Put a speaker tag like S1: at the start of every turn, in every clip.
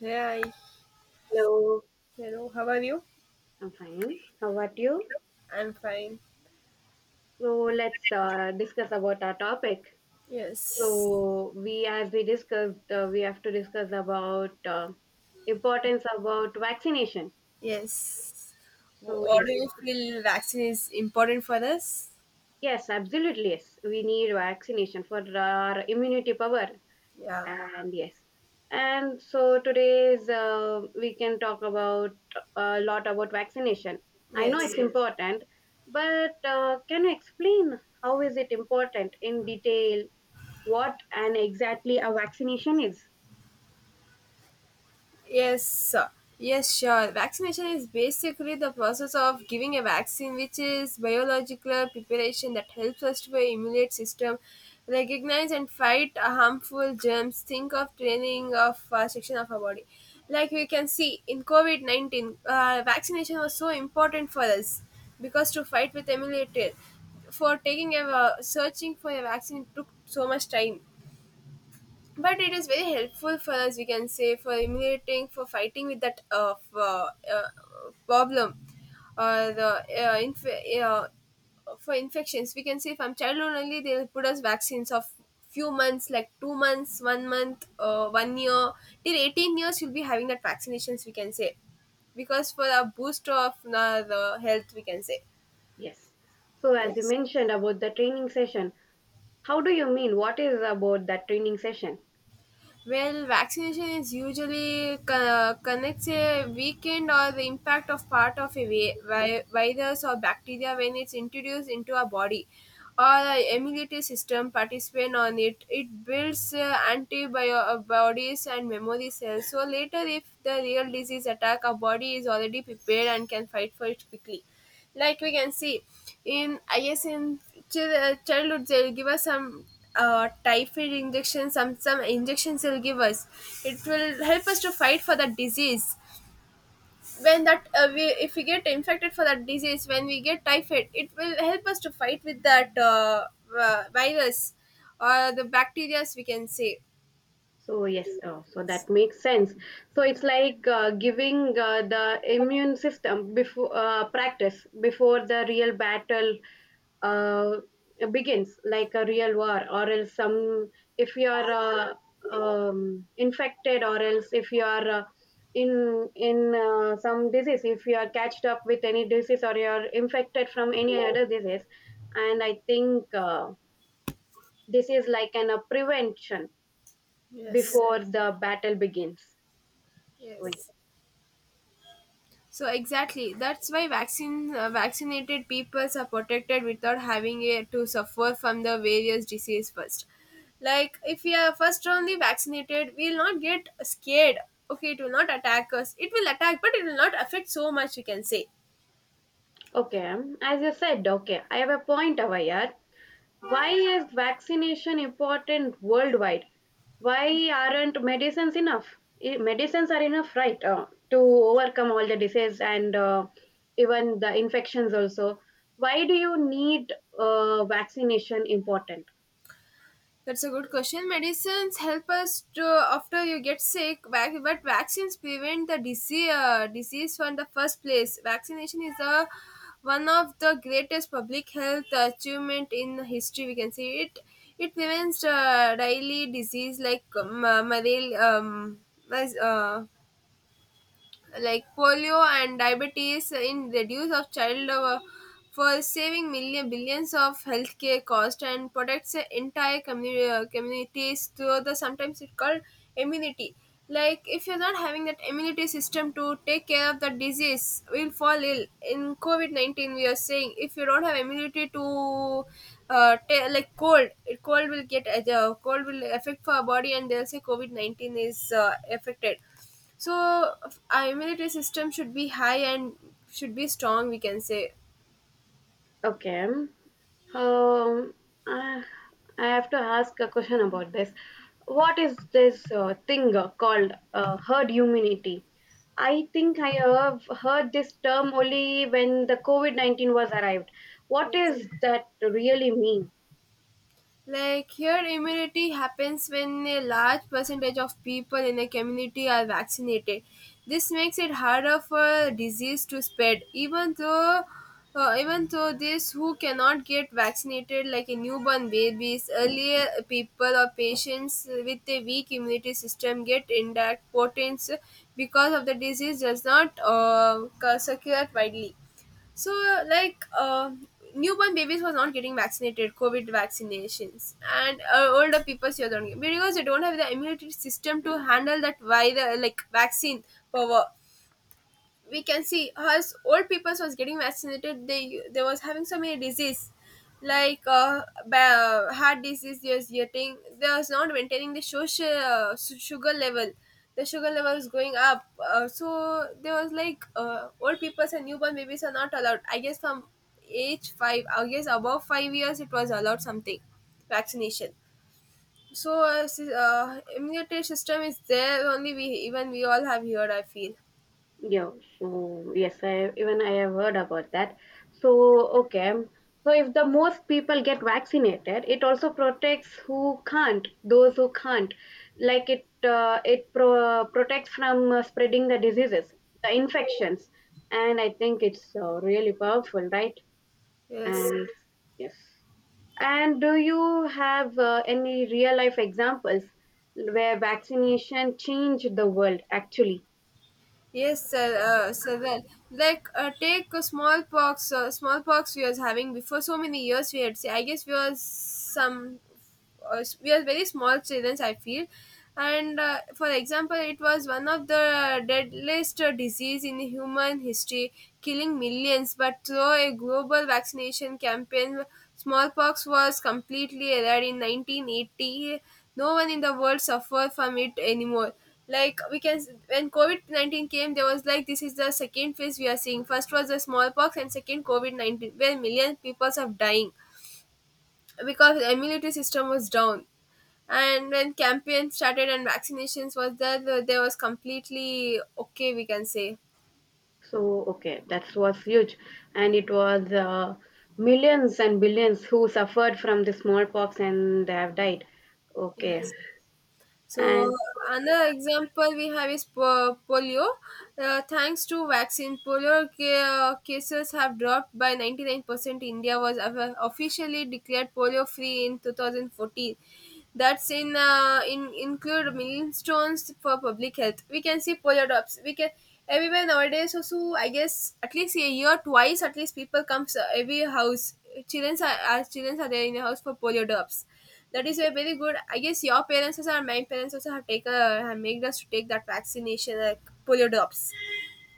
S1: Hey, hi,
S2: Hello,
S1: hello, how are you?
S2: I'm fine. How about you?
S1: I'm fine.
S2: So let's discuss about our topic.
S1: Yes,
S2: So we, as we discussed, we have to discuss about importance about vaccination.
S1: yes.
S2: So
S1: What do
S2: yes,
S1: you feel vaccine is important for us?
S2: yes, absolutely yes. We need vaccination for our immunity power
S1: Yeah,
S2: and yes, and so today's we can talk about a lot about vaccination. I know
S1: yes.
S2: it's, yes, important, but can you explain how is it important in detail, what and exactly a vaccination is.
S1: Yes, yes, sure. Vaccination is basically the process of giving a vaccine, which is biological preparation that helps us to our immune system recognize and fight harmful germs. Think of training of a section of our body. Like we can see in COVID 19, vaccination was so important for us because to fight with emulated for taking a searching for a vaccine took so much time, but it is very helpful for us we can say for emulating for fighting with that uh, problem or uh, inf- uh, for infections we can say from childhood only they'll put us vaccines of few months like 2 months one month one year till 18 years you'll be having that vaccinations we can say because for a boost of the health we can say.
S2: Yes, so as you
S1: Yes.
S2: mentioned about the training session, how do you mean, what is about that training session?
S1: Well, vaccination is usually connects a weakened or the impact of part of a virus or bacteria when it's introduced into our body or the immunity system participant on it. It builds antibodies and memory cells. So later, if the real disease attack, our body is already prepared and can fight for it quickly like we can see in I guess in childhood they'll give us some typhoid injections some injections they'll give us it will help us to fight for that disease when that we if we get infected for that disease when we get typhoid it will help us to fight with that virus or the bacteria we can say.
S2: So yes, so
S1: Yes.
S2: that makes sense. So it's like giving the immune system before practice before the real battle uh, begins, like a real war, or else some, if you are infected, or else if you are in some disease, if you are catched up with any disease or you are infected from any other disease, and I think this is like an a prevention
S1: Yes.
S2: before the battle begins. So, yeah.
S1: Yes. So exactly, that's why vaccine vaccinated peoples are protected without having to suffer from the various disease first. Like if we are first only vaccinated, we'll not get scared. Okay, it will not attack us. It will attack, but it will not affect so much, we can say.
S2: Okay, as you said, okay, I have a point over here. Why is vaccination important worldwide? Why aren't medicines enough? Eh, medicines are enough, right, to overcome all the disease and even the infections also. Why do you need vaccination important?
S1: That's a good question. Medicines help us to after you get sick, but vaccines prevent the disease from the first place. Vaccination is a one of the greatest public health achievement in history. We can see it. It prevents daily disease like malaria, mas- uh, like polio and diabetes in reduce of child for saving million billions of healthcare cost and protects the entire community communities through the sometimes it called immunity like if you're not having that immunity system to take care of the disease will fall ill in COVID-19 we are saying if you don't have immunity to ta like cold it cold will get cold will affect our body and they'll say COVID-19 is affected so, immunity system should be high and should be strong, we can say.
S2: Okay. Um, I I have to ask a question about this. What is this thing called herd immunity? I think I have heard this term only when the COVID 19 was arrived. What
S1: Yes.
S2: does that really mean?
S1: Like here, immunity happens when a large percentage of people in a community are vaccinated. This makes it harder for disease to spread, even though these who cannot get vaccinated like a newborn babies earlier people or patients with a weak immunity system get indirect potence because of the disease does not circulate widely so, like, newborn babies was not getting vaccinated, COVID vaccinations, and older people still don't get because they don't have the immunity system to handle that. Why the like vaccine power we can see as old people was getting vaccinated they was having so many disease like heart disease they was getting they was not maintaining the social sugar level the sugar level is going up so there was like old people and newborn babies are not allowed I guess from age 5 I guess above 5 years it was allowed something vaccination so immunity system is there only we even we all have here I feel.
S2: Yeah, so yes, I have heard about that. So okay, so if the most people get vaccinated, it also protects who can't, those who can't. Like it, it protects from spreading the diseases, the infections, and I think it's really powerful, right?
S1: Yes.
S2: And yes, and do you have any real life examples where vaccination changed the world actually?
S1: Yes, sir. Sir, well, like take a smallpox. Smallpox we was having before so many years. We had. Say, I guess we was some. We are very small children, I feel, and for example, it was one of the deadliest disease in human history, killing millions. But through a global vaccination campaign, smallpox was completely eradicated in 1980. No one in the world suffered from it anymore like we can s- when COVID-19 came there was like this is the second phase we are seeing first was the smallpox and second COVID-19 where million people are dying because the immunity system was down and when campaign started and vaccinations was there there was completely okay we can say.
S2: So, okay, that was huge. And it was millions and billions who suffered from the smallpox and they have died. Okay.
S1: Yes. So
S2: And
S1: another example we have is polio. Thanks to vaccine, polio cases have dropped by 99%. India was officially declared polio free in 2014 that's in include millstones for public health. We can see polar drops. We can everywhere nowadays also I guess at least a year twice at least people comes every house. Children are our children are there in the house for polio drops. That is a very good. I guess your parents also and my parents also have made us to take that vaccination like polio drops.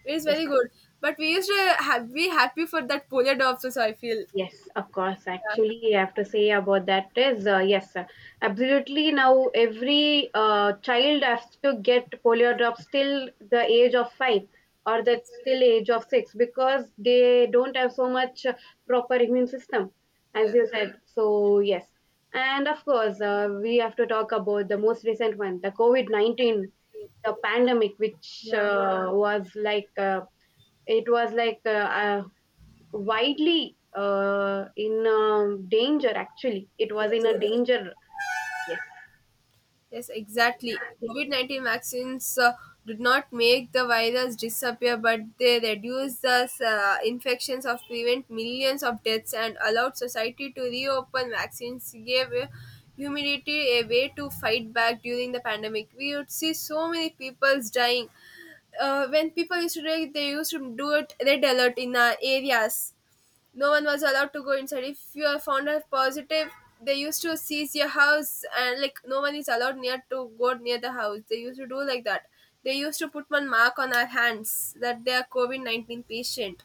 S1: It is
S2: yes.
S1: very good. But we used to have, be happy for that polio drops also, I feel.
S2: Yes, of course.
S1: Yeah.
S2: Actually, I have to say about that is absolutely. Now, every child has to get polio drops till the age of 5 or the
S1: Yes.
S2: still age of 6, because they don't have so much proper immune system, as
S1: Yeah.
S2: you said. So, yes. And of course, we have to talk about the most recent one, the COVID-19, the pandemic, which
S1: Yeah.
S2: was like it was like uh, widely in danger, actually it was in a
S1: Yes.
S2: danger.
S1: Yes, exactly. COVID 19 vaccines did not make the virus disappear, but they reduced the infections of prevent millions of deaths and allowed society to reopen. Vaccines gave humanity a way to fight back during the pandemic. We would see so many people's dying. When people used to do it, they used to do it red alert in areas. No one was allowed to go inside. If you are found as positive, they used to seize your house and like no one is allowed near to go near the house. They used to do like that. They used to put one mark on our hands that they are COVID 19 patient,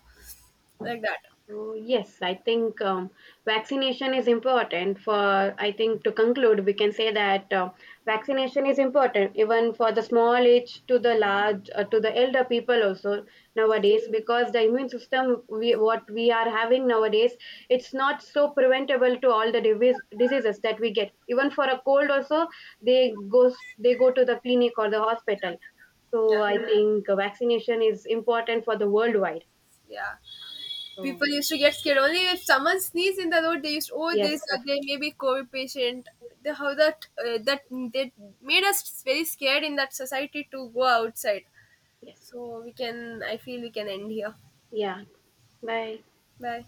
S1: like that.
S2: So yes, I think vaccination is important for, I think to conclude, we can say that vaccination is important even for the small age to the large, to the elder people also
S1: Yes.
S2: nowadays, because the immune system we, what we are having nowadays, it's not so preventable to all the diseases that we get. Even for a cold also, they go to the clinic or the hospital. So
S1: Yeah,
S2: I, yeah, think vaccination is important for the worldwide.
S1: yeah. People
S2: So
S1: used to get scared. Only if someone sneezed in the road, they used to, oh
S2: yes,
S1: this or they may be COVID patient. The, how that made us very scared in that society to go outside. So we can. I feel we can end here.
S2: yeah.
S1: Bye.